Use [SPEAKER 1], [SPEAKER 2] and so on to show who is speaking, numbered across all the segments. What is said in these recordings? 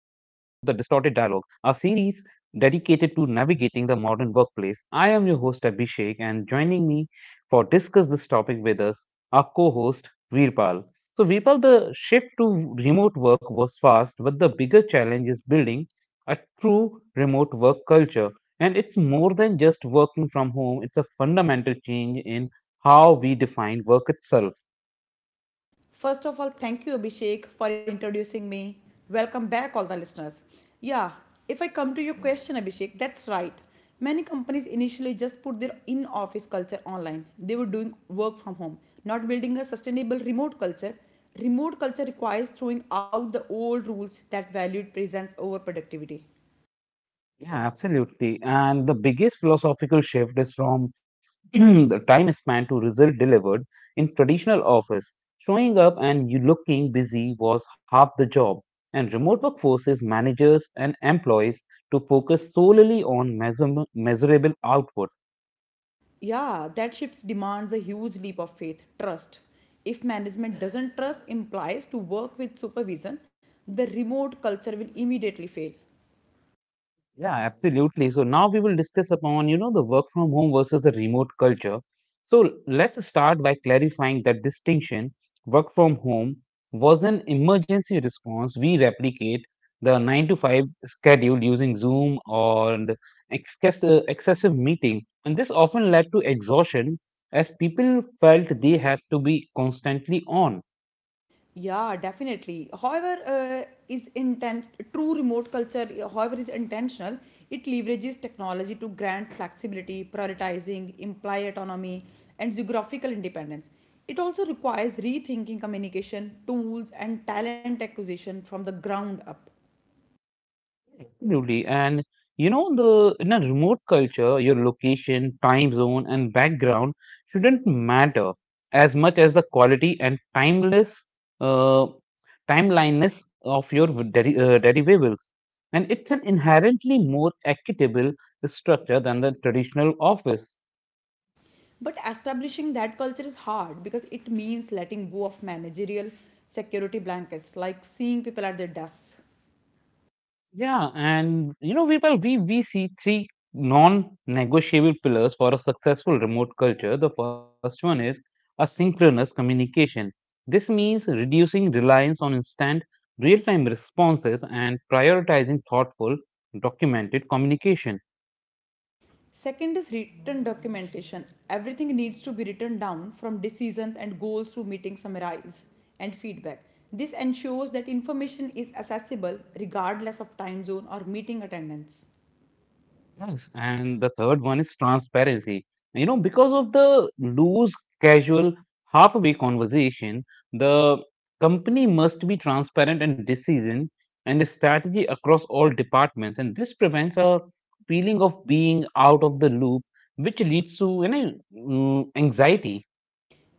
[SPEAKER 1] Distorted Dialogue, a series dedicated to navigating the modern workplace. I am your host, Abhishek, and joining me for discuss this topic with us, our co-host, Veerpal. So, Veerpal, the shift to remote work was fast, but the bigger challenge is building a true remote work culture. And it's more than just working from home; it's a fundamental change in how we define work itself.
[SPEAKER 2] First of all, thank you, Abhishek, for introducing me. Welcome back, all the listeners. Yeah, if I come to your question, Abhishek, that's right. Many companies initially just put their in office culture online. They were doing work from home, not building a sustainable remote culture. Remote culture requires throwing out the old rules that valued presence over productivity.
[SPEAKER 1] Yeah, absolutely. And the biggest philosophical shift is from the time span to result delivered in traditional office. Showing up and you looking busy was half the job, and remote work forces managers and employees to focus solely on measurable output.
[SPEAKER 2] Yeah, that shift demands a huge leap of faith, trust. If management doesn't trust implies to work with supervision, the remote culture will immediately fail.
[SPEAKER 1] Yeah, absolutely. So now we will discuss upon, the work from home versus the remote culture. So let's start by clarifying that distinction. Work from home was an emergency response. We replicate the 9 to 5 schedule using Zoom or the excessive meeting. And this often led to exhaustion as people felt they had to be constantly on.
[SPEAKER 2] Yeah, definitely. However, is intent true remote culture. However, is intentional. It leverages technology to grant flexibility, prioritizing, imply autonomy, and geographical independence. It also requires rethinking communication tools and talent acquisition from the ground up.
[SPEAKER 1] Absolutely. And you know, the in a remote culture, your location, time zone, and background shouldn't matter as much as the quality and timeless uh, timeliness of your derivables. And it's an inherently more equitable structure than the traditional office.
[SPEAKER 2] But establishing that culture is hard because it means letting go of managerial security blankets, like seeing people at their desks.
[SPEAKER 1] Yeah, and you know, Virpal, we see three non-negotiable pillars for a successful remote culture. The first one is asynchronous communication. This means reducing reliance on instant real-time responses and prioritizing thoughtful, documented communication.
[SPEAKER 2] Second is written documentation. Everything needs to be written down from decisions and goals to meeting summaries and feedback. This ensures that information is accessible regardless of time zone or meeting attendance.
[SPEAKER 1] Yes, and the third one is transparency. You know, because of the loose, casual, halfway conversation, the company must be transparent and decision and a strategy across all departments. And this prevents a feeling of being out of the loop, which leads to anxiety.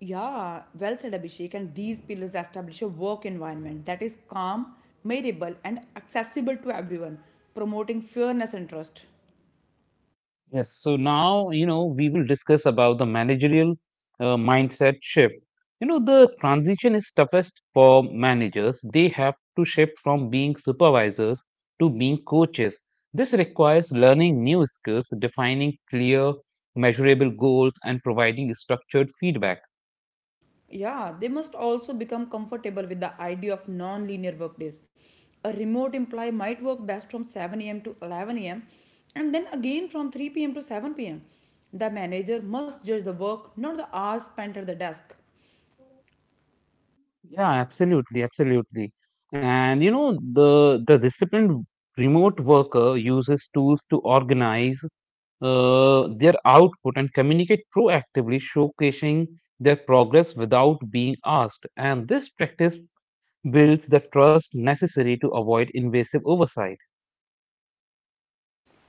[SPEAKER 2] Yeah, well said, Abhishek. And these pillars establish a work environment that is calm, measurable, and accessible to everyone, promoting fairness and trust.
[SPEAKER 1] Yes, so now, we will discuss about the managerial mindset shift. You know, the transition is toughest for managers. They have to shift from being supervisors to being coaches. This requires learning new skills, defining clear, measurable goals, and providing structured feedback.
[SPEAKER 2] Yeah, they must also become comfortable with the idea of non linear workdays. A remote employee might work best from 7 a.m. to 11 a.m. and then again from 3 p.m. to 7 p.m. The manager must judge the work, not the hours spent at the desk.
[SPEAKER 1] Yeah, absolutely. And you know, the disciplined remote worker uses tools to organize their output and communicate proactively, showcasing their progress without being asked. And this practice builds the trust necessary to avoid invasive oversight.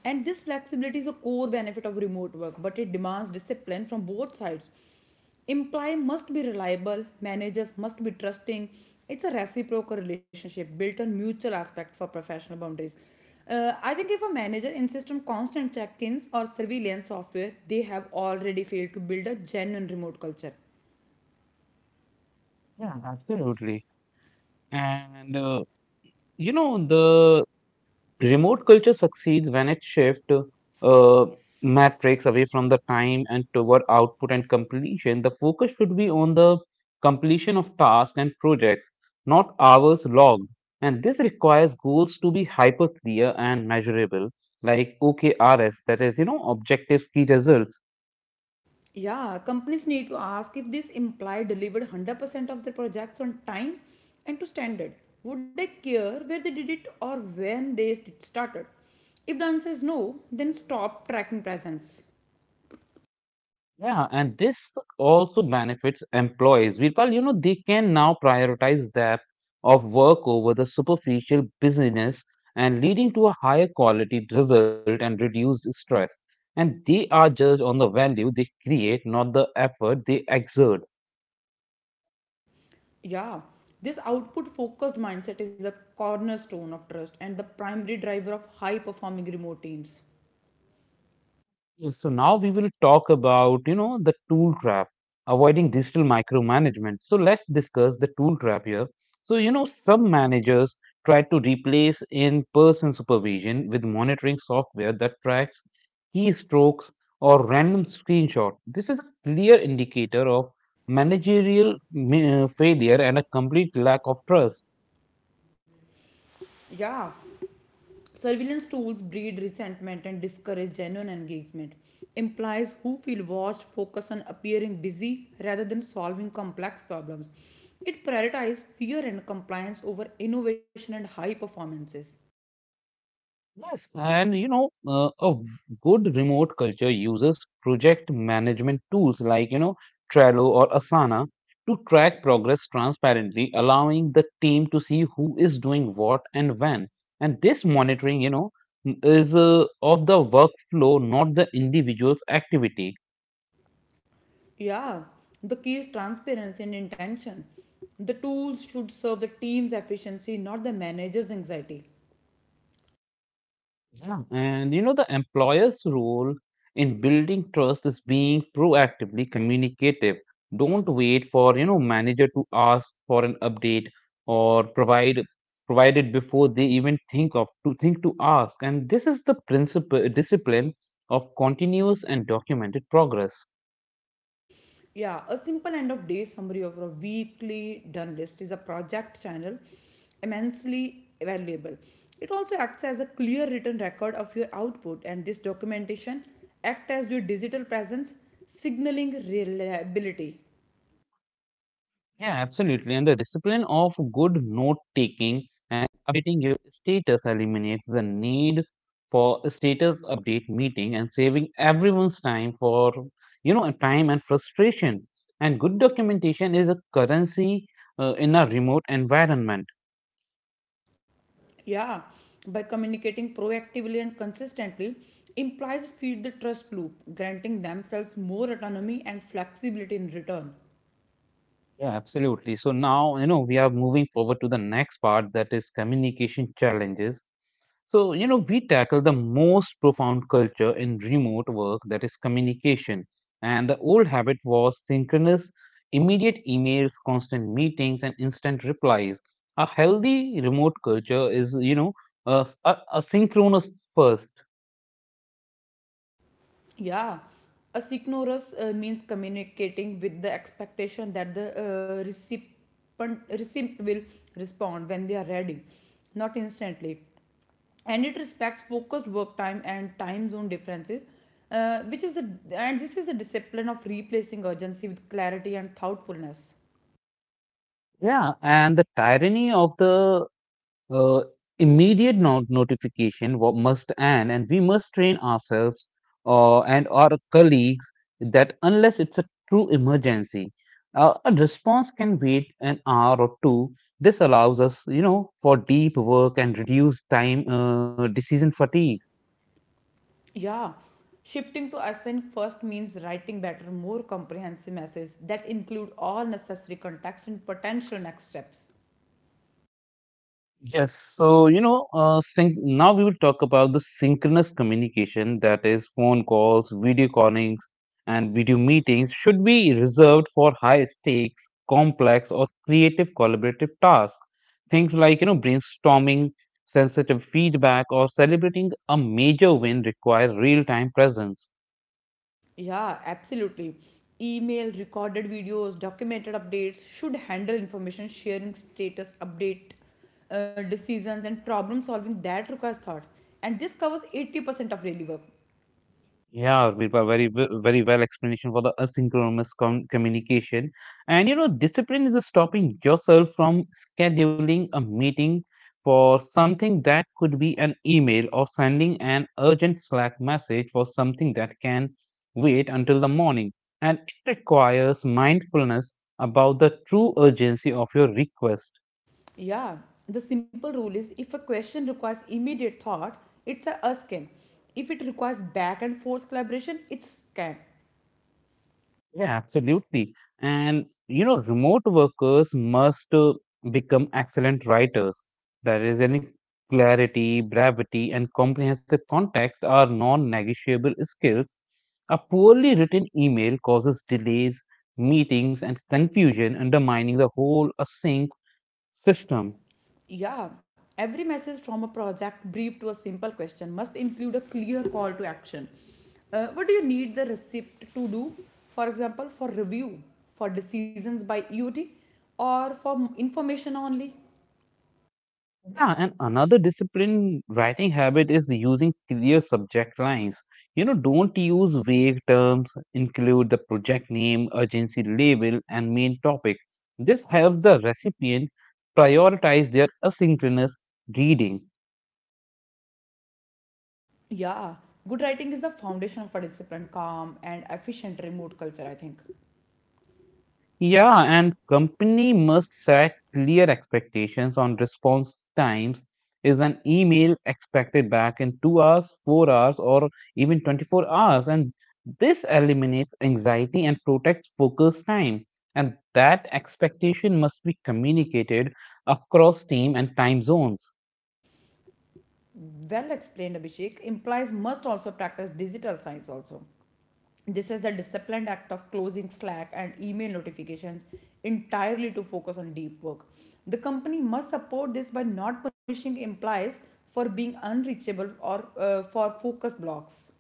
[SPEAKER 2] And this flexibility is a core benefit of remote work, but it demands discipline from both sides. Employee must be reliable, managers must be trusting. It's a reciprocal relationship built on mutual aspect for professional boundaries. I think if a manager insists on constant check ins or surveillance software, they have already failed to build a genuine remote culture.
[SPEAKER 1] Yeah, absolutely. And you know, the Remote culture succeeds when it shifts uh, metrics away from the time and toward output and completion. The focus should be on the completion of tasks and projects, not hours logged. And this requires goals to be hyper clear and measurable, like OKRs, that is, you know, objectives, key results.
[SPEAKER 2] Yeah, companies need to ask if this employee delivered 100% of their projects on time and to standard. Would they care where they did it or when they started? If the answer is no, then stop tracking presence.
[SPEAKER 1] Yeah, and this also benefits employees. Virpal, you know, they can now prioritize depth of work over the superficial busyness, and leading to a higher quality result and reduced stress. And they are judged on the value they create, not the effort they exert.
[SPEAKER 2] Yeah, this output focused mindset is a cornerstone of trust and the primary driver of high performing remote teams.
[SPEAKER 1] Yeah, so now we will talk about, the tool trap, avoiding digital micromanagement. So let's discuss the tool trap here. So, you know, some managers try to replace in-person supervision with monitoring software that tracks keystrokes or random screenshots. This is a clear indicator of managerial failure and a complete lack of trust.
[SPEAKER 2] Yeah, surveillance tools breed resentment and discourage genuine engagement. Implies who feel watched focus on appearing busy rather than solving complex problems. It prioritizes fear and compliance over innovation and high performances.
[SPEAKER 1] Yes, and a good remote culture uses project management tools like, Trello or Asana to track progress transparently, allowing the team to see who is doing what and when. And this monitoring, is of the workflow, not the individual's activity.
[SPEAKER 2] Yeah, the key is transparency and intention. The tools should serve the team's efficiency, not the manager's anxiety.
[SPEAKER 1] Yeah. And you know, the employer's role in building trust is being proactively communicative. Don't wait for, manager to ask for an update or provide it before they even think to ask. And this is the principle discipline of continuous and documented progress.
[SPEAKER 2] Yeah, a simple end of day summary of a weekly done list is a project channel immensely valuable. It also acts as a clear written record of your output, and this documentation act as your digital presence, signaling reliability.
[SPEAKER 1] Yeah, absolutely. And the discipline of good note taking and updating your status eliminates the need for a status update meeting and saving everyone's time for, time and frustration. And good documentation is a currency in a remote environment.
[SPEAKER 2] Yeah, by communicating proactively and consistently, implies feed the trust loop, granting themselves more autonomy and flexibility in return.
[SPEAKER 1] Yeah, absolutely. So now, we are moving forward to the next part that is communication challenges. So, you know, we tackle the most profound culture in remote work that is communication. And the old habit was synchronous, immediate emails, constant meetings, and instant replies. A healthy remote culture is, a synchronous first.
[SPEAKER 2] Yeah, asynchronous means communicating with the expectation that the uh, recipient, recipient will respond when they are ready, not instantly. And it respects focused work time and time zone differences, uh, which is a, and this is a discipline of replacing urgency with clarity and thoughtfulness.
[SPEAKER 1] Yeah. And the tyranny of the Uh, immediate not must end, and we must train ourselves and our colleagues that unless it's a true emergency, a response can wait an hour or two. This allows us, for deep work and reduce time decision fatigue.
[SPEAKER 2] Yeah, shifting to async first means writing better, more comprehensive messages that include all necessary context and potential next steps.
[SPEAKER 1] Yes, so you know, sync now we will talk about the synchronous communication that is, phone calls, video callings, and video meetings should be reserved for high stakes, complex, or creative collaborative tasks. Things like, brainstorming, sensitive feedback, or celebrating a major win require real time presence.
[SPEAKER 2] Yeah, absolutely. Email, recorded videos, documented updates should handle information sharing, status update, decisions, and problem solving that requires thought. And this covers 80% of daily work.
[SPEAKER 1] Yeah, Virpa, very well explanation for the asynchronous communication. And you know, discipline is stopping yourself from scheduling a meeting for something that could be an email or sending an urgent Slack message for something that can wait until the morning. And it requires mindfulness about the true urgency of your request.
[SPEAKER 2] Yeah, the simple rule is if a question requires immediate thought, it's a us can. If it requires back and forth collaboration, it's can.
[SPEAKER 1] Yeah, absolutely. And you know, remote workers must become excellent writers. There is any clarity, brevity, and comprehensive context are non-negotiable skills. A poorly written email causes delays, meetings, and confusion, undermining the whole async system.
[SPEAKER 2] Yeah, every message from a project brief to a simple question must include a clear call to action. What do you need the receipt to do? For example, for review, for decisions by EOT, or for information only?
[SPEAKER 1] Yeah, and another disciplined writing habit is using clear subject lines. You know, don't use vague terms, include the project name, urgency label, and main topic. This helps the recipient prioritize their asynchronous reading.
[SPEAKER 2] Yeah, good writing is the foundation of a disciplined, calm, and efficient remote culture, I think.
[SPEAKER 1] Yeah, and company must set clear expectations on response times. Is an email expected back in 2 hours, 4 hours, or even 24 hours? And this eliminates anxiety and protects focus time. And that expectation must be communicated across team and time zones.
[SPEAKER 2] Well explained, Abhishek, implies must also practice digital science also. This is the disciplined act of closing Slack and email notifications entirely to focus on deep work. The company must support this by not punishing employees for being unreachable or for focused blocks.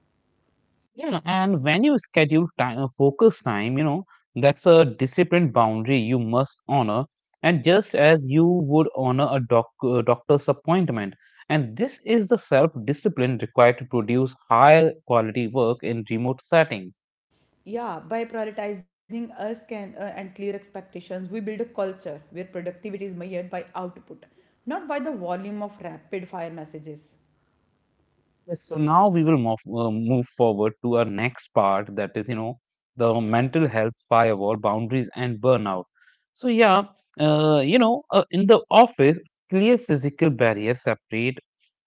[SPEAKER 1] Yeah, and when you schedule time, focus time, that's a disciplined boundary you must honor, and just as you would honor a doctor's appointment. And this is the self discipline required to produce high quality work in remote setting.
[SPEAKER 2] Yeah, by prioritizing us can, and clear expectations, we build a culture where productivity is measured by output, not by the volume of rapid fire messages.
[SPEAKER 1] Yes, so now we will move forward to our next part that is, the mental health firewall, boundaries and burnout. So in the office, clear physical barriers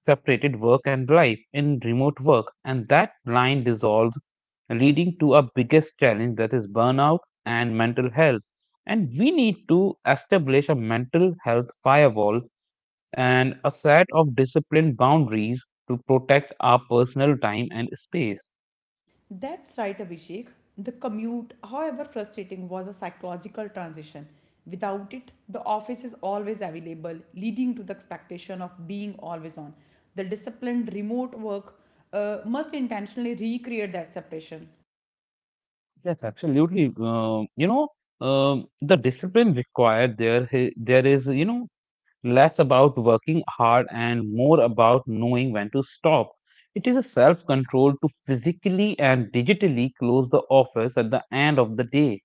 [SPEAKER 1] separated work and life in remote work, and that line dissolves, leading to our biggest challenge that is burnout and mental health. And we need to establish a mental health firewall and a set of disciplined boundaries to protect our personal time and space.
[SPEAKER 2] That's right, Abhishek. The commute, however frustrating, was a psychological transition. Without it, the office is always available, leading to the expectation of being always on. The disciplined remote work must intentionally recreate that separation.
[SPEAKER 1] Yes, absolutely. You know, the discipline required there is, less about working hard and more about knowing when to stop. It is a self control to physically and digitally close the office at the end of the day.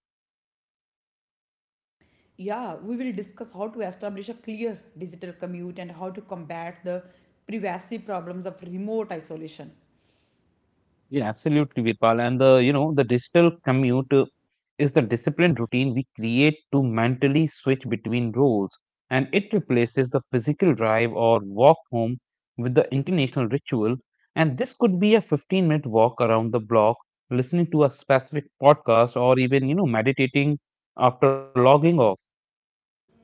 [SPEAKER 2] Yeah, we will discuss how to establish a clear digital commute and how to combat the privacy problems of remote isolation.
[SPEAKER 1] Yeah, absolutely, Vipal. And the digital commute is the disciplined routine we create to mentally switch between roles, and it replaces the physical drive or walk home with the intentional ritual. And this could be a 15-minute walk around the block, listening to a specific podcast, or even, meditating after logging off.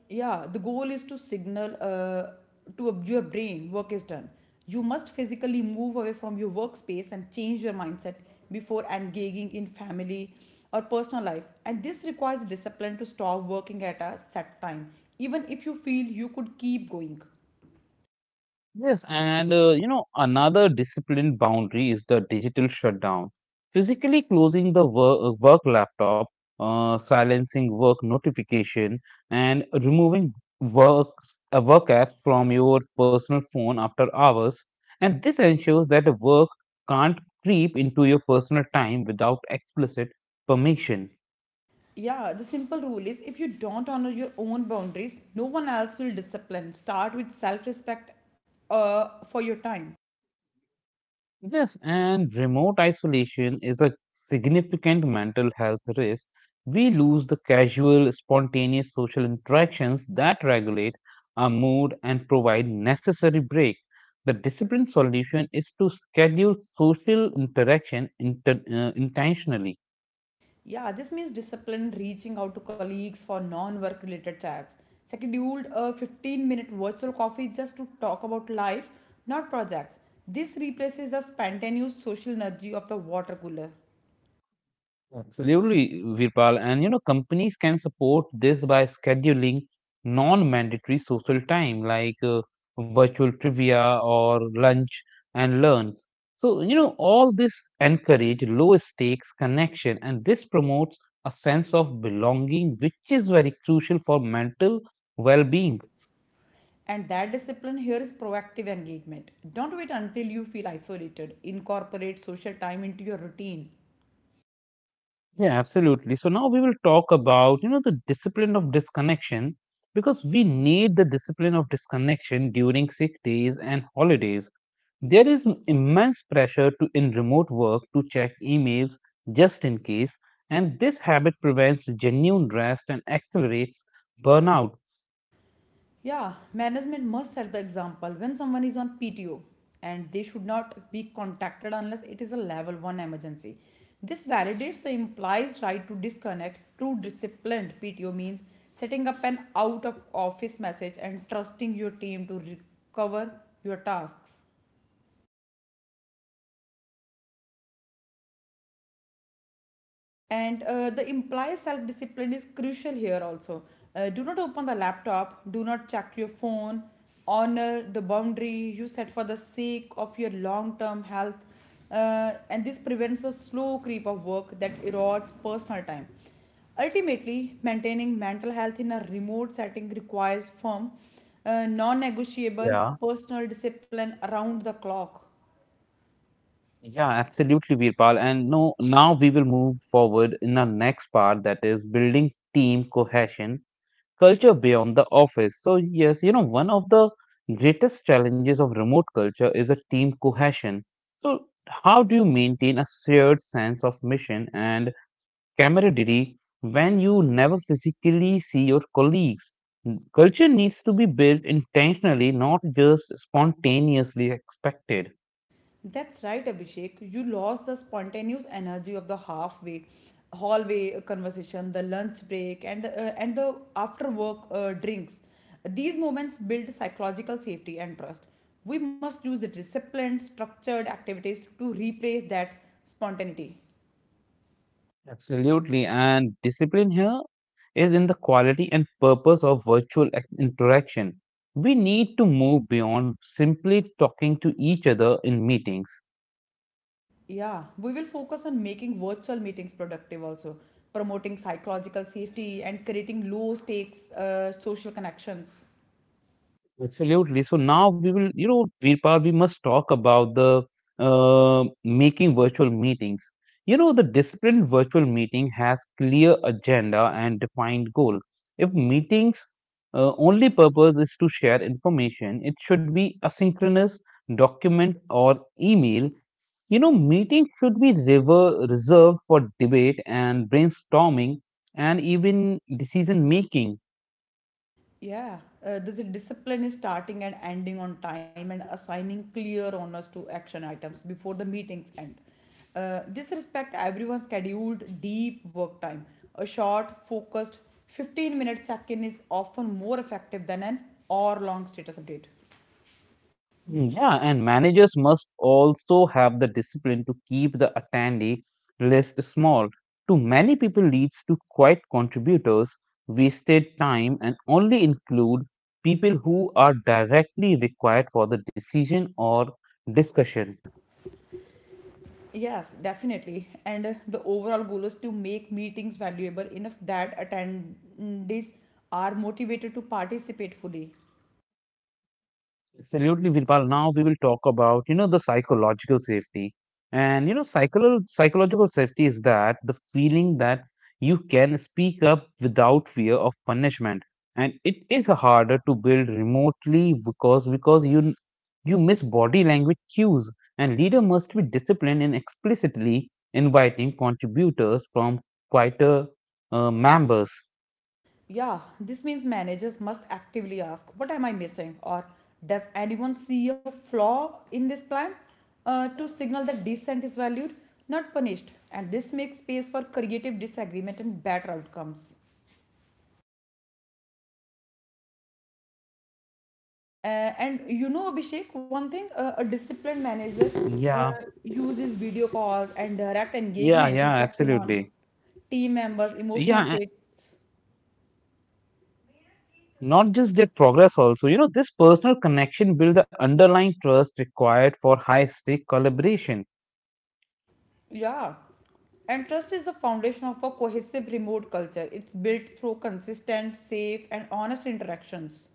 [SPEAKER 2] Yeah, the goal is to signal to your brain work is done. You must physically move away from your workspace and change your mindset before engaging in family or personal life, and this requires discipline to stop working at a set time even if you feel you could keep going.
[SPEAKER 1] Yes, and another discipline boundary is the digital shutdown. Physically closing the work laptop, silencing work notification, and removing work a work app from your personal phone after hours. And this ensures that the work can't creep into your personal time without explicit permission.
[SPEAKER 2] Yeah, the simple rule is if you don't honor your own boundaries no one else will. Discipline start with self-respect for your time.
[SPEAKER 1] Yes, and remote isolation is a significant mental health risk. We lose the casual, spontaneous social interactions that regulate our mood and provide necessary break. The disciplined solution is to schedule social interaction intentionally.
[SPEAKER 2] Yeah, this means discipline, reaching out to colleagues for non work related chats, scheduled a 15-minute virtual coffee just to talk about life, not projects. This replaces the spontaneous social energy of the water cooler.
[SPEAKER 1] Absolutely, Virpal. And you know, companies can support this by scheduling non-mandatory social time like virtual trivia or lunch and learns. So, all this encourage low stakes connection and this promotes a sense of belonging, which is very crucial for mental well-being.
[SPEAKER 2] And that discipline here is proactive engagement. Don't wait until you feel isolated. Incorporate social time into your routine.
[SPEAKER 1] Yeah, absolutely. So now we will talk about, the discipline of disconnection because we need the discipline of disconnection during sick days and holidays. There is immense pressure to in remote work to check emails just in case, and this habit prevents genuine rest and accelerates burnout.
[SPEAKER 2] Yeah, management must set the example when someone is on PTO and they should not be contacted unless it is a level 1 emergency. This validates the implies right to disconnect. True disciplined PTO means setting up an out of office message and trusting your team to recover your tasks. And the implied self discipline is crucial here also. Do not open the laptop, do not check your phone, honor the boundary you set for the sake of your long term health. And this prevents the slow creep of work that erodes personal time. Ultimately, maintaining mental health in a remote setting requires firm, non negotiable
[SPEAKER 1] Yeah.
[SPEAKER 2] personal discipline around the clock.
[SPEAKER 1] Yeah, absolutely, Virpal. And no, now we will move forward in our next part that is building team cohesion culture beyond the office. So, yes, you know, one of the greatest challenges of remote culture is a team cohesion. So, how do you maintain a shared sense of mission and camaraderie when you never physically see your colleagues? Culture needs to be built intentionally, not just spontaneously expected.
[SPEAKER 2] That's right, Abhishek. You lost the spontaneous energy of the halfway hallway conversation, the lunch break, and and the after work drinks. These moments build psychological safety and trust. We must use disciplined, structured activities to replace that spontaneity.
[SPEAKER 1] Absolutely. And discipline here is in the quality and purpose of virtual interaction. We need to move beyond simply talking to each other in meetings.
[SPEAKER 2] Yeah, we will focus on making virtual meetings productive also, promoting psychological safety and creating low stakes social connections.
[SPEAKER 1] Absolutely. So now we will, Virpal, we must talk about the making virtual meetings. You know, the disciplined virtual meeting has clear agenda and defined goal. If meetings only purpose is to share information, it should be asynchronous document or email. You know, meeting should be rever reserved for debate and brainstorming and even decision making.
[SPEAKER 2] Yeah, the discipline is starting and ending on time and assigning clear honors to action items before the meetings end. This respect everyone's scheduled deep work time. A short, focused 15-minute check in is often more effective than an hour long status update.
[SPEAKER 1] Yeah, and managers must also have the discipline to keep the attendee list small. Too many people leads to quiet contributors, wasted time, and only include people who are directly required for the decision or discussion.
[SPEAKER 2] Yes, definitely. And the overall goal is to make meetings valuable enough that attendees are motivated to participate fully.
[SPEAKER 1] Absolutely, Virpal. Now we will talk about, the psychological safety. And, psychological safety is that the feeling that you can speak up without fear of punishment. And it is harder to build remotely because you miss body language cues, and leader must be disciplined in explicitly inviting contributors from quieter members.
[SPEAKER 2] Yeah, this means managers must actively ask, "What am I missing?" or "Does anyone see a flaw in this plan?" To signal that dissent is valued, not punished. And this makes space for creative disagreement and better outcomes. Uh, and you know, Abhishek, one thing a disciplined manager uh,
[SPEAKER 1] Yeah,
[SPEAKER 2] uses video calls and direct engagement to
[SPEAKER 1] yeah,
[SPEAKER 2] check in on
[SPEAKER 1] absolutely.
[SPEAKER 2] team members'
[SPEAKER 1] Yeah,
[SPEAKER 2] emotional states.
[SPEAKER 1] not just their progress. Also, this personal connection builds the underlying trust required for high stake collaboration.
[SPEAKER 2] Yeah. And trust is the foundation of a cohesive remote culture. It's built through consistent, safe, and honest interactions.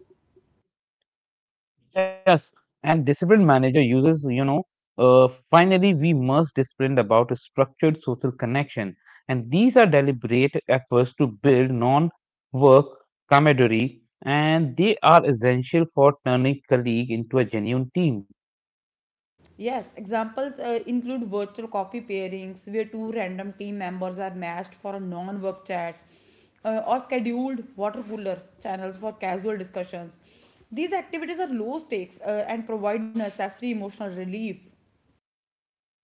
[SPEAKER 1] Yes, and disciplined manager uses, finally we must discipline about a structured social connection, and these are deliberate efforts to build non work camaraderie, and they are essential for turning colleague into a genuine team.
[SPEAKER 2] Yes, examples include virtual coffee pairings where two random team members are matched for a non work chat or scheduled water cooler channels for casual discussions. These activities are low stakes and provide necessary emotional relief.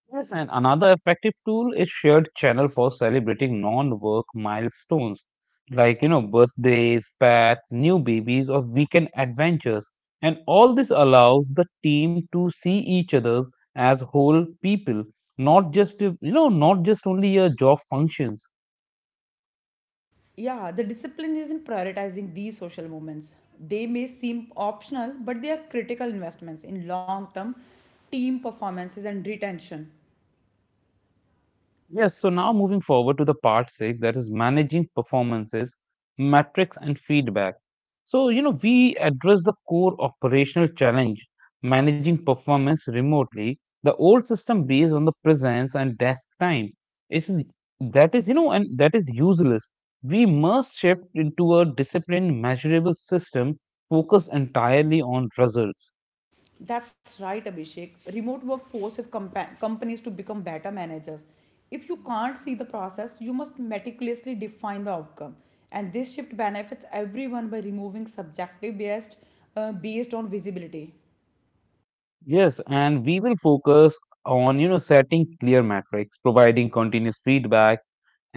[SPEAKER 1] Yes, and another effective tool is shared channel for celebrating non-work milestones like, birthdays, pets, new babies, or weekend adventures. And all this allows the team to see each other as whole people, not just, not just only a job functions.
[SPEAKER 2] Yeah, the discipline is in prioritizing these social movements. They may seem optional, but they are critical investments in long term team performances and retention.
[SPEAKER 1] Yes, so now moving forward to the part six, that is managing performances, metrics, and feedback. So, we address the core operational challenge, managing performance remotely. The old system based on the presence and desk time. It's, that is, you know, and that is useless. We must shift into a disciplined, measurable system focused entirely on results.
[SPEAKER 2] That's right, Abhishek. Remote work forces companies to become better managers. If you can't see the process, you must meticulously define the outcome. And this shift benefits everyone by removing subjective bias based on visibility.
[SPEAKER 1] Yes, and we will focus on, setting clear metrics, providing continuous feedback,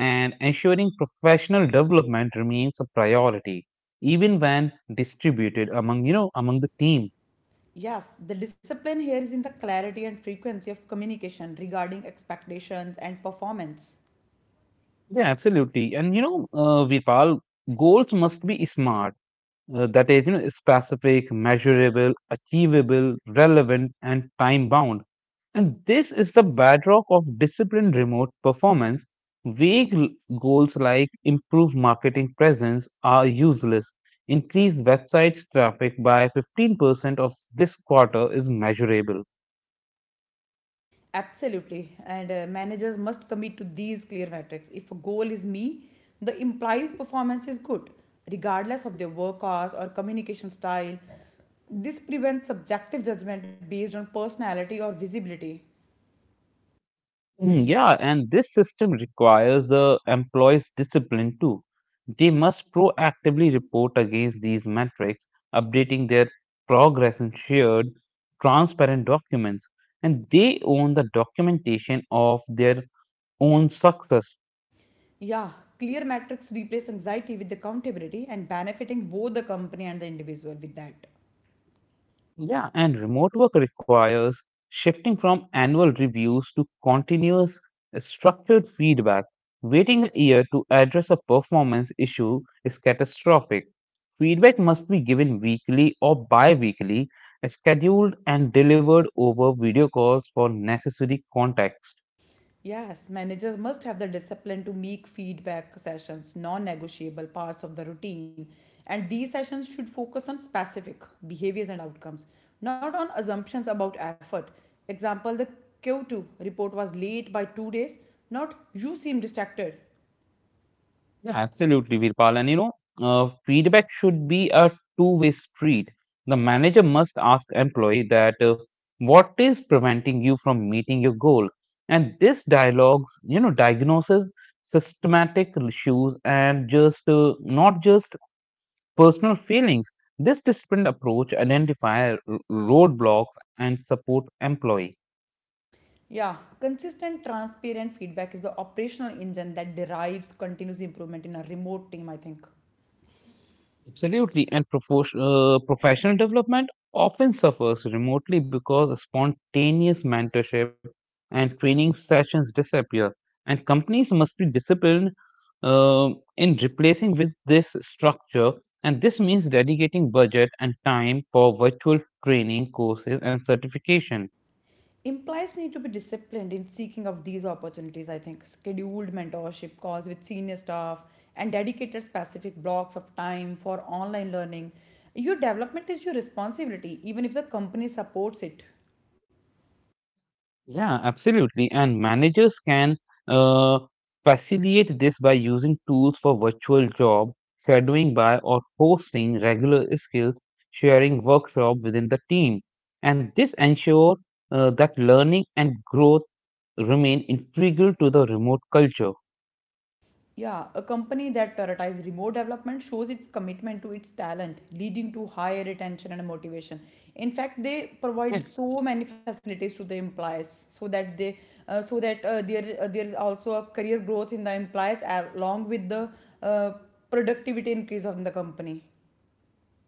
[SPEAKER 1] and ensuring professional development remains a priority even when distributed among, among the team.
[SPEAKER 2] Yes, the discipline here is in the clarity and frequency of communication regarding expectations and performance.
[SPEAKER 1] Yeah, absolutely. And Vipal, goals must be smart, that is, specific, measurable, achievable, relevant, and time bound. And this is the bedrock of disciplined remote performance. vague l- Goals like improve marketing presence are useless. Increase websites traffic by 15% of this quarter is measurable.
[SPEAKER 2] Absolutely. And managers must commit to these clear metrics. If a goal is me, the implied performance is good, regardless of their work hours or communication style. This prevents subjective judgment based on personality or visibility.
[SPEAKER 1] Yeah, and this system requires the employees' discipline too. They must proactively report against these metrics, updating their progress in shared, transparent documents, and they own the documentation of their own success.
[SPEAKER 2] Yeah, clear metrics replace anxiety with accountability and benefiting both the company and the individual with that.
[SPEAKER 1] Yeah, and remote work requires shifting from annual reviews to continuous structured feedback. Waiting a year to address a performance issue is catastrophic. Feedback must be given weekly or bi weekly, scheduled and delivered over video calls for necessary context.
[SPEAKER 2] Yes, managers must have the discipline to make feedback sessions non negotiable parts of the routine, and these sessions should focus on specific behaviors and outcomes, not on assumptions about effort. Example the Q2 report was late by 2 days, not you seem distracted.
[SPEAKER 1] Yeah, absolutely, Virpal. And feedback should be a two-way street. The manager must ask employee that what is preventing you from meeting your goal, and this dialogues, diagnoses systematic issues and just not just personal feelings. This disciplined approach identify roadblocks and support employee.
[SPEAKER 2] Yeah, consistent, transparent feedback is the operational engine that derives continuous improvement in a remote team, I think.
[SPEAKER 1] Absolutely, and professional development often suffers remotely because spontaneous mentorship and training sessions disappear, and companies must be disciplined uh, in replacing with this structure. And this means dedicating budget and time for virtual training courses and certification.
[SPEAKER 2] Implies need to be disciplined in seeking of these opportunities, I think. Scheduled mentorship calls with senior staff and dedicated specific blocks of time for online learning. Your development is your responsibility, even if the company supports it.
[SPEAKER 1] Yeah, absolutely. And managers can uh, facilitate this by using tools for virtual job shadowing by or hosting regular skills sharing workshop within the team. And this ensure that learning and growth remain integral to the remote culture.
[SPEAKER 2] Yeah, a company that prioritizes remote development shows its commitment to its talent, leading to higher retention and motivation. In fact, they
[SPEAKER 1] Yeah.
[SPEAKER 2] provide so many facilities to the employees so that they so that there there is also a career growth in the employees along with the uh, productivity increase of the company.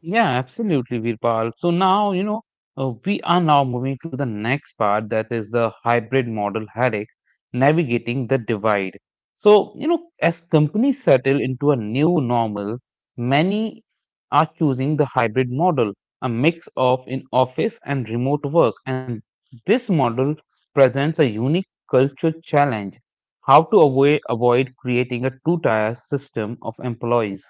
[SPEAKER 1] Yeah, absolutely, Virpal. So now, we are now moving to the next part, that is the hybrid model headache, navigating the divide. So, as companies settle into a new normal, many are choosing the hybrid model, a mix of in office and remote work. And this model presents a unique culture challenge, how to avoid creating a two-tier system of employees.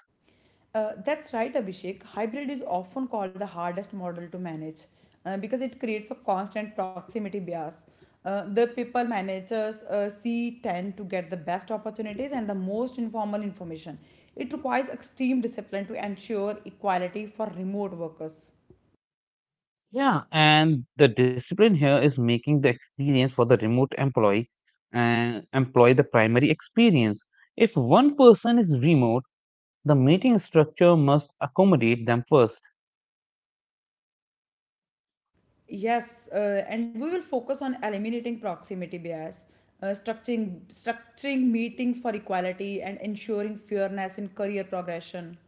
[SPEAKER 2] That's right, Abhishek. Hybrid is often called the hardest model to manage because it creates a constant proximity bias. The people managers see tend to get the best opportunities and the most informal information. It requires extreme discipline to ensure equality for remote workers.
[SPEAKER 1] Yeah, and the discipline here is making the experience for the remote employee and employee the primary experience. If one person is remote, the meeting structure must accommodate them first.
[SPEAKER 2] Yes, and we will focus on eliminating proximity bias, structuring meetings for equality, and ensuring fairness in career progression.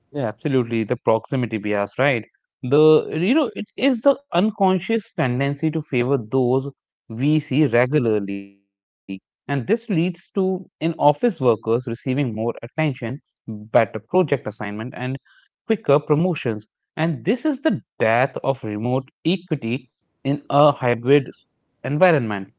[SPEAKER 1] Yeah, absolutely. The proximity bias, right? The it is the unconscious tendency to favor those we see regularly, and this leads to in office workers receiving more attention, better project assignment, and quicker promotions. And this is the death of remote equity in a hybrid environment.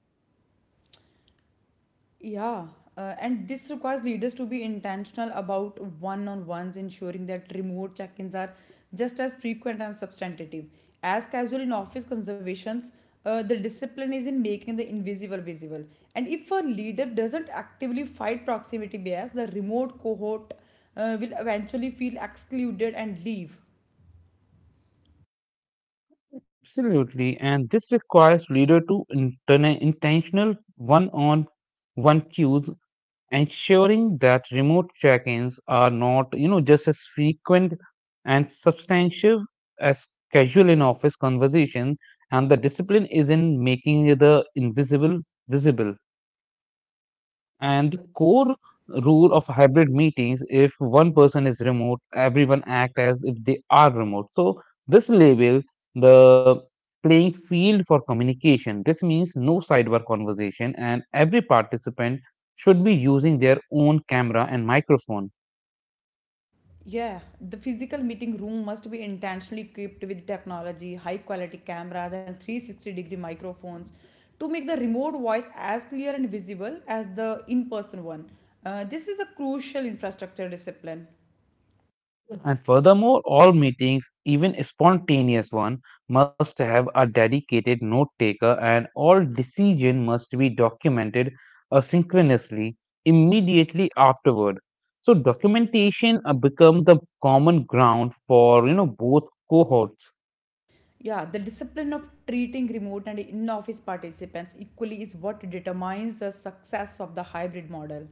[SPEAKER 2] Yeah, and this requires leaders to be intentional about one on ones, ensuring that remote check ins are just as frequent and substantive. As casual in office conservations, the discipline is in making the invisible visible. And if a leader doesn't actively fight proximity bias, the remote cohort will eventually feel excluded and leave.
[SPEAKER 1] Absolutely. And this requires leader to intentional one-on one cues, ensuring that remote check-ins are not, just as frequent and substantive as casual in office conversations. And the discipline is in making the invisible visible. And the core rule of hybrid meetings, if one person is remote, everyone act as if they are remote. So this label the playing field for communication. This means no sidebar conversation and every participant should be using their own camera and microphone.
[SPEAKER 2] Yeah, the physical meeting room must be intentionally equipped with technology, high quality cameras, and 360-degree microphones to make the remote voice as clear and visible as the in person one. This is a crucial infrastructure discipline.
[SPEAKER 1] And furthermore, all meetings, even spontaneous one, must have a dedicated note taker, and all decision must be documented asynchronously immediately afterward. So documentation become the common ground for, both cohorts.
[SPEAKER 2] Yeah, the discipline of treating remote and in office participants equally is what determines the success of the hybrid model.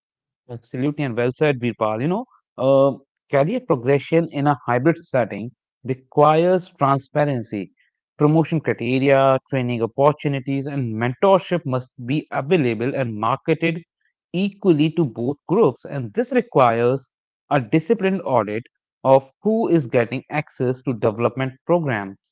[SPEAKER 1] Absolutely, and well said, Virpal. Uh, career progression in a hybrid setting requires transparency. Promotion criteria, training opportunities, and mentorship must be available and marketed equally to both groups. And this requires a disciplined audit of who is getting access to development programs.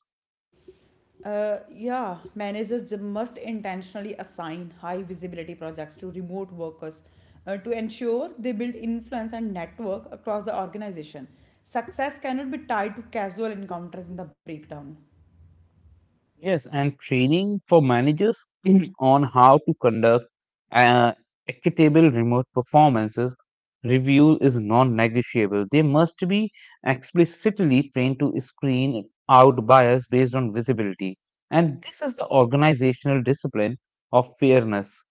[SPEAKER 2] Yeah, must intentionally assign high visibility projects to remote workers to ensure they build influence and network across the organization. Success cannot be tied to casual encounters in the breakdown.
[SPEAKER 1] Yes, and training for managers on how to conduct uh, equitable remote performances review is non-negotiable. They must be explicitly trained to screen out bias based on visibility. And this is the organizational discipline of fairness.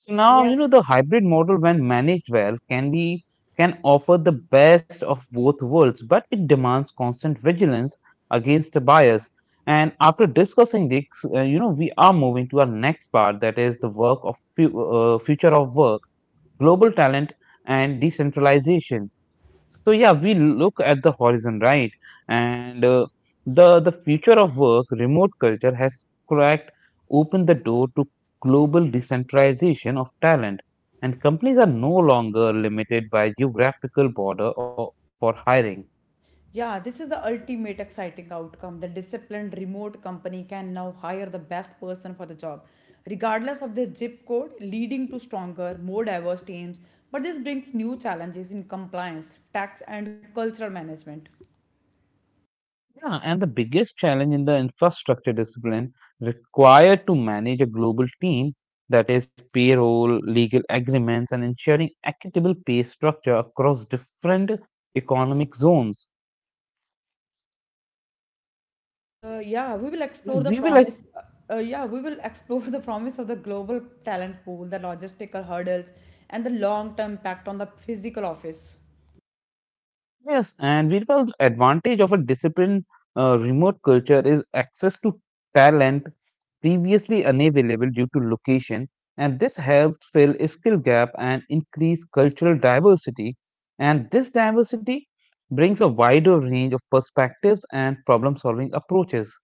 [SPEAKER 1] So now, the
[SPEAKER 2] Yes.
[SPEAKER 1] hybrid model, when managed well, can be can offer the best of both worlds, but it demands constant vigilance against the bias. And after discussing this, we are moving to our next part, that is the work of future of work, global talent, and decentralization. So yeah, we look at the horizon, right? And the future of work, remote culture has opened the door to global decentralization of talent, and companies are no longer limited by geographical border or, for hiring.
[SPEAKER 2] Yeah, this is the ultimate exciting outcome. The disciplined remote company can now hire the best person for the job, regardless of their zip code, leading to stronger, more diverse teams. But this brings new challenges in compliance, tax, and cultural management.
[SPEAKER 1] Yeah, and the biggest challenge in the infrastructure discipline required to manage a global team, that is payroll, legal agreements, and ensuring equitable pay structure across different economic zones.
[SPEAKER 2] Yeah, we will explore the
[SPEAKER 1] We will.
[SPEAKER 2] promise. Yeah, we will explore the promise of the global talent pool, the logistical hurdles, and the long-term impact on the physical office.
[SPEAKER 1] Yes, and Virpal, the advantage of a disciplined remote culture is access to talent previously unavailable due to location, and this helps fill a skill gap and increase cultural diversity. And this diversity brings a wider range of perspectives and problem solving approaches.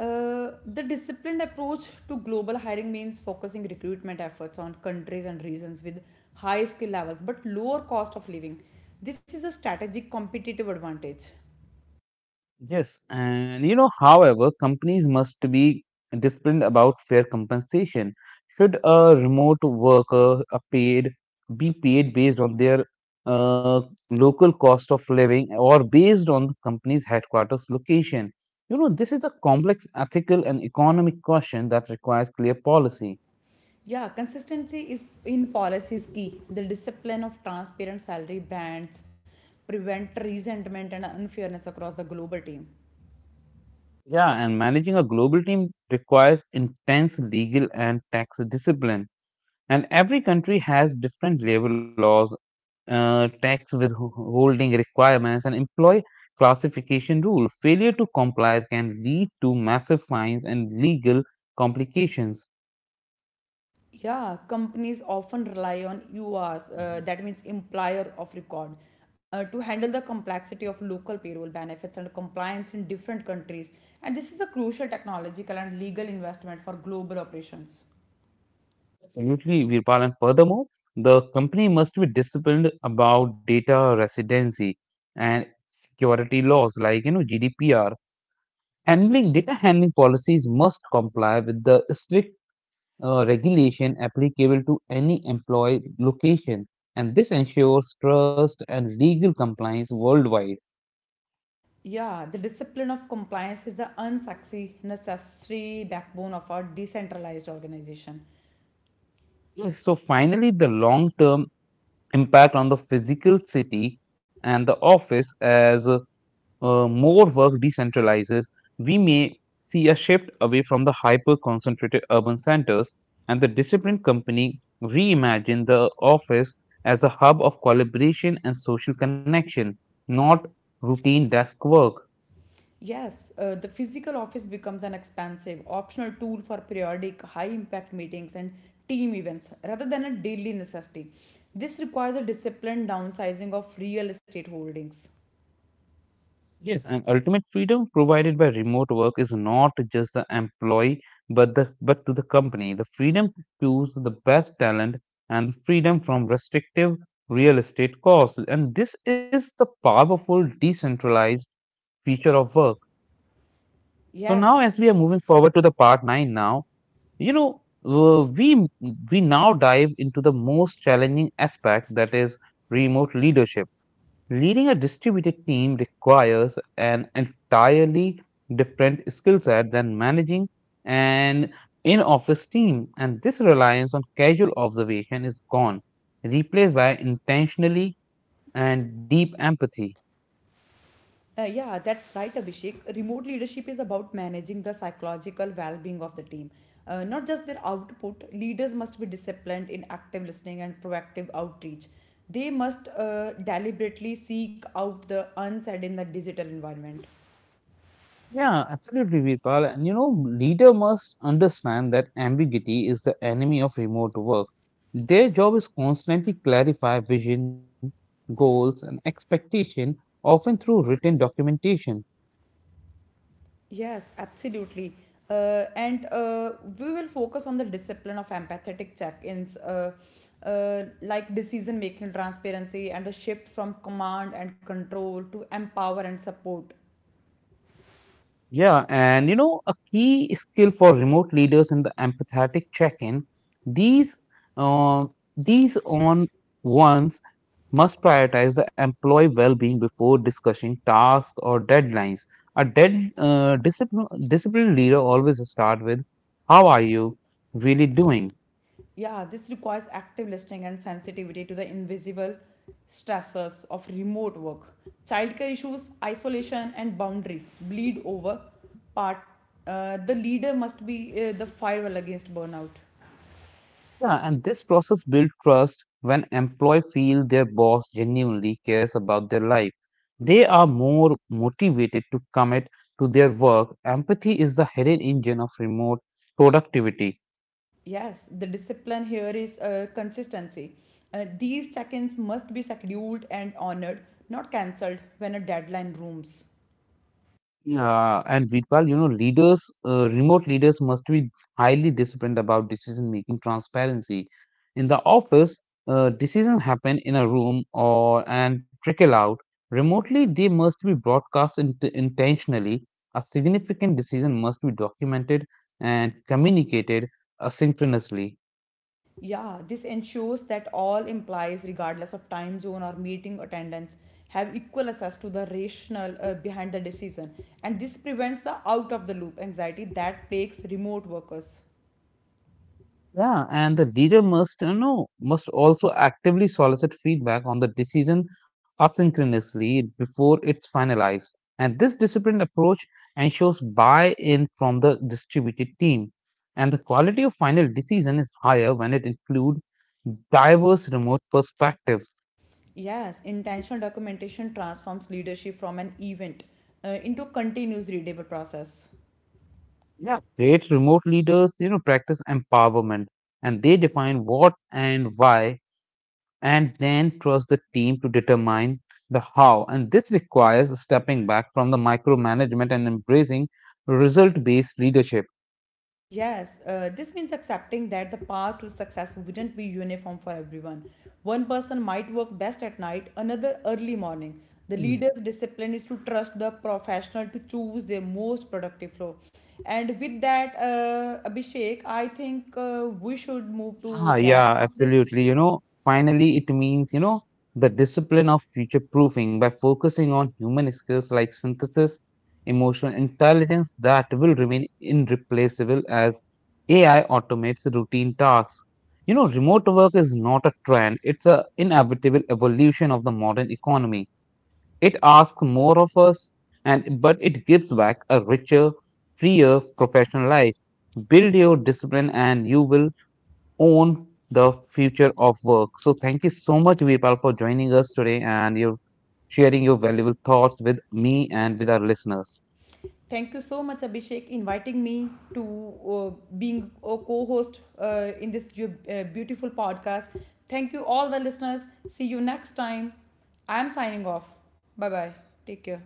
[SPEAKER 2] The disciplined approach to global hiring means focusing recruitment efforts on countries and regions with high skill levels but lower cost of living. This is a strategic competitive advantage.
[SPEAKER 1] Yes, and however, companies must be disciplined about fair compensation. Should a remote worker a paid be paid based on their uh, local cost of living or based on the company's headquarters location? This is a complex ethical and economic question that requires clear policy.
[SPEAKER 2] Yeah, consistency is in policies key. The discipline of transparent salary brands prevent resentment and unfairness across the global team.
[SPEAKER 1] Yeah, and managing a global team requires intense legal and tax discipline. And every country has different labor laws, tax withholding requirements, and employee classification rules. Failure to comply can lead to massive fines and legal complications.
[SPEAKER 2] Yeah, companies often rely on URs, that means employer of record, to handle the complexity of local payroll benefits and compliance in different countries. And this is a crucial technological and legal investment for global operations.
[SPEAKER 1] Absolutely, Virpal. And furthermore, the company must be disciplined about data residency and security laws like, GDPR. Handling data handling policies must comply with the strict regulation applicable to any employee location, and this ensures trust and legal compliance worldwide.
[SPEAKER 2] Yeah, the discipline of compliance is the unsexy, necessary backbone of our decentralized organization.
[SPEAKER 1] Yes, so finally, the long term impact on the physical city and the office, as more work decentralizes, we may see a shift away from the hyper concentrated urban centers, and the disciplined company reimagine the office as a hub of collaboration and social connection, not routine desk work.
[SPEAKER 2] Yes, the physical office becomes an expansive, optional tool for periodic, high impact meetings and team events rather than a daily necessity. This requires a disciplined downsizing of real estate holdings.
[SPEAKER 1] Yes, and ultimate freedom provided by remote work is not just the employee, but to the company. The freedom to choose the best talent and the freedom from restrictive real estate costs. And this is the powerful decentralized feature of work. So now,
[SPEAKER 2] Yes,
[SPEAKER 1] as we are moving forward to the part nine, now you know uh, we we now dive into the most challenging aspect, that is remote leadership. Leading a distributed team requires an entirely different skill set than managing an in office team, and this reliance on casual observation is gone, replaced by intentionally and deep empathy.
[SPEAKER 2] yeah, that's right, Abhishek. Remote leadership is about managing the psychological well being of the team. Not just their output, leaders must be disciplined in active listening and proactive outreach. They must deliberately seek out the unsaid in the digital environment.
[SPEAKER 1] Yeah, absolutely, Virpal. And leader must understand that ambiguity is the enemy of remote work. Their job is constantly clarify vision, goals, and expectation, often through written documentation.
[SPEAKER 2] Yes, absolutely. And We will focus on the discipline of empathetic check-ins, like decision-making transparency and the shift from command and control to empower and support.
[SPEAKER 1] Yeah, and a key skill for remote leaders in the empathetic check-in, these uh, these on ones must prioritize the employee well-being before discussing tasks or deadlines. A dead discipline disciplined leader always start with, "How are you really doing?"
[SPEAKER 2] Yeah, this requires active listening and sensitivity to the invisible stressors of remote work. Childcare issues, isolation, and boundary bleed over. Part The leader must be the firewall against burnout.
[SPEAKER 1] Yeah, and this process builds trust when employee feel their boss genuinely cares about their life. They are more motivated to commit to their work. Empathy is the hidden engine of remote productivity.
[SPEAKER 2] Yes, the discipline here is consistency. These check ins must be scheduled and honored, not cancelled when a deadline looms.
[SPEAKER 1] Yeah, and Vidpal, remote leaders must be highly disciplined about decision making transparency. In the office, decisions happen in a room or and trickle out. Remotely, they must be broadcast intentionally. A significant decision must be documented and communicated asynchronously.
[SPEAKER 2] Yeah, this ensures that all employees, regardless of time zone or meeting attendance, have equal access to the rationale behind the decision. And this prevents the out of the loop anxiety that plagues remote workers.
[SPEAKER 1] Yeah, and the leader must you know must also actively solicit feedback on the decision asynchronously before it's finalized. And this disciplined approach ensures buy-in from the distributed team. And the quality of final decision is higher when it includes diverse remote perspectives.
[SPEAKER 2] Yes, intentional documentation transforms leadership from an event into a continuous readable process.
[SPEAKER 1] Yeah, great remote leaders, practice empowerment, and they define what and why and then trust the team to determine the how. And this requires stepping back from the micromanagement and embracing result based leadership.
[SPEAKER 2] Yes, this means accepting that the path to success wouldn't be uniform for everyone. One person might work best at night, another early morning. The leader's discipline is to trust the professional to choose their most productive flow. And with that, Abhishek, I think we should move to
[SPEAKER 1] Ah, yeah,
[SPEAKER 2] wrap up this.
[SPEAKER 1] absolutely. Finally, it means the discipline of future proofing by focusing on human skills like synthesis, emotional intelligence that will remain irreplaceable as AI automates routine tasks. You know, remote work is not a trend, it's an inevitable evolution of the modern economy. It asks more of us, and but it gives back a richer, freer professional life. Build your discipline, and you will own the future of work. So, thank you so much, Virpal, for joining us today and your sharing your valuable thoughts with me and with our listeners.
[SPEAKER 2] Thank you so much, Abhishek, inviting me to uh, being a co-host in this beautiful podcast. Thank you, all the listeners. See you next time. I'm signing off. Bye bye. Take care.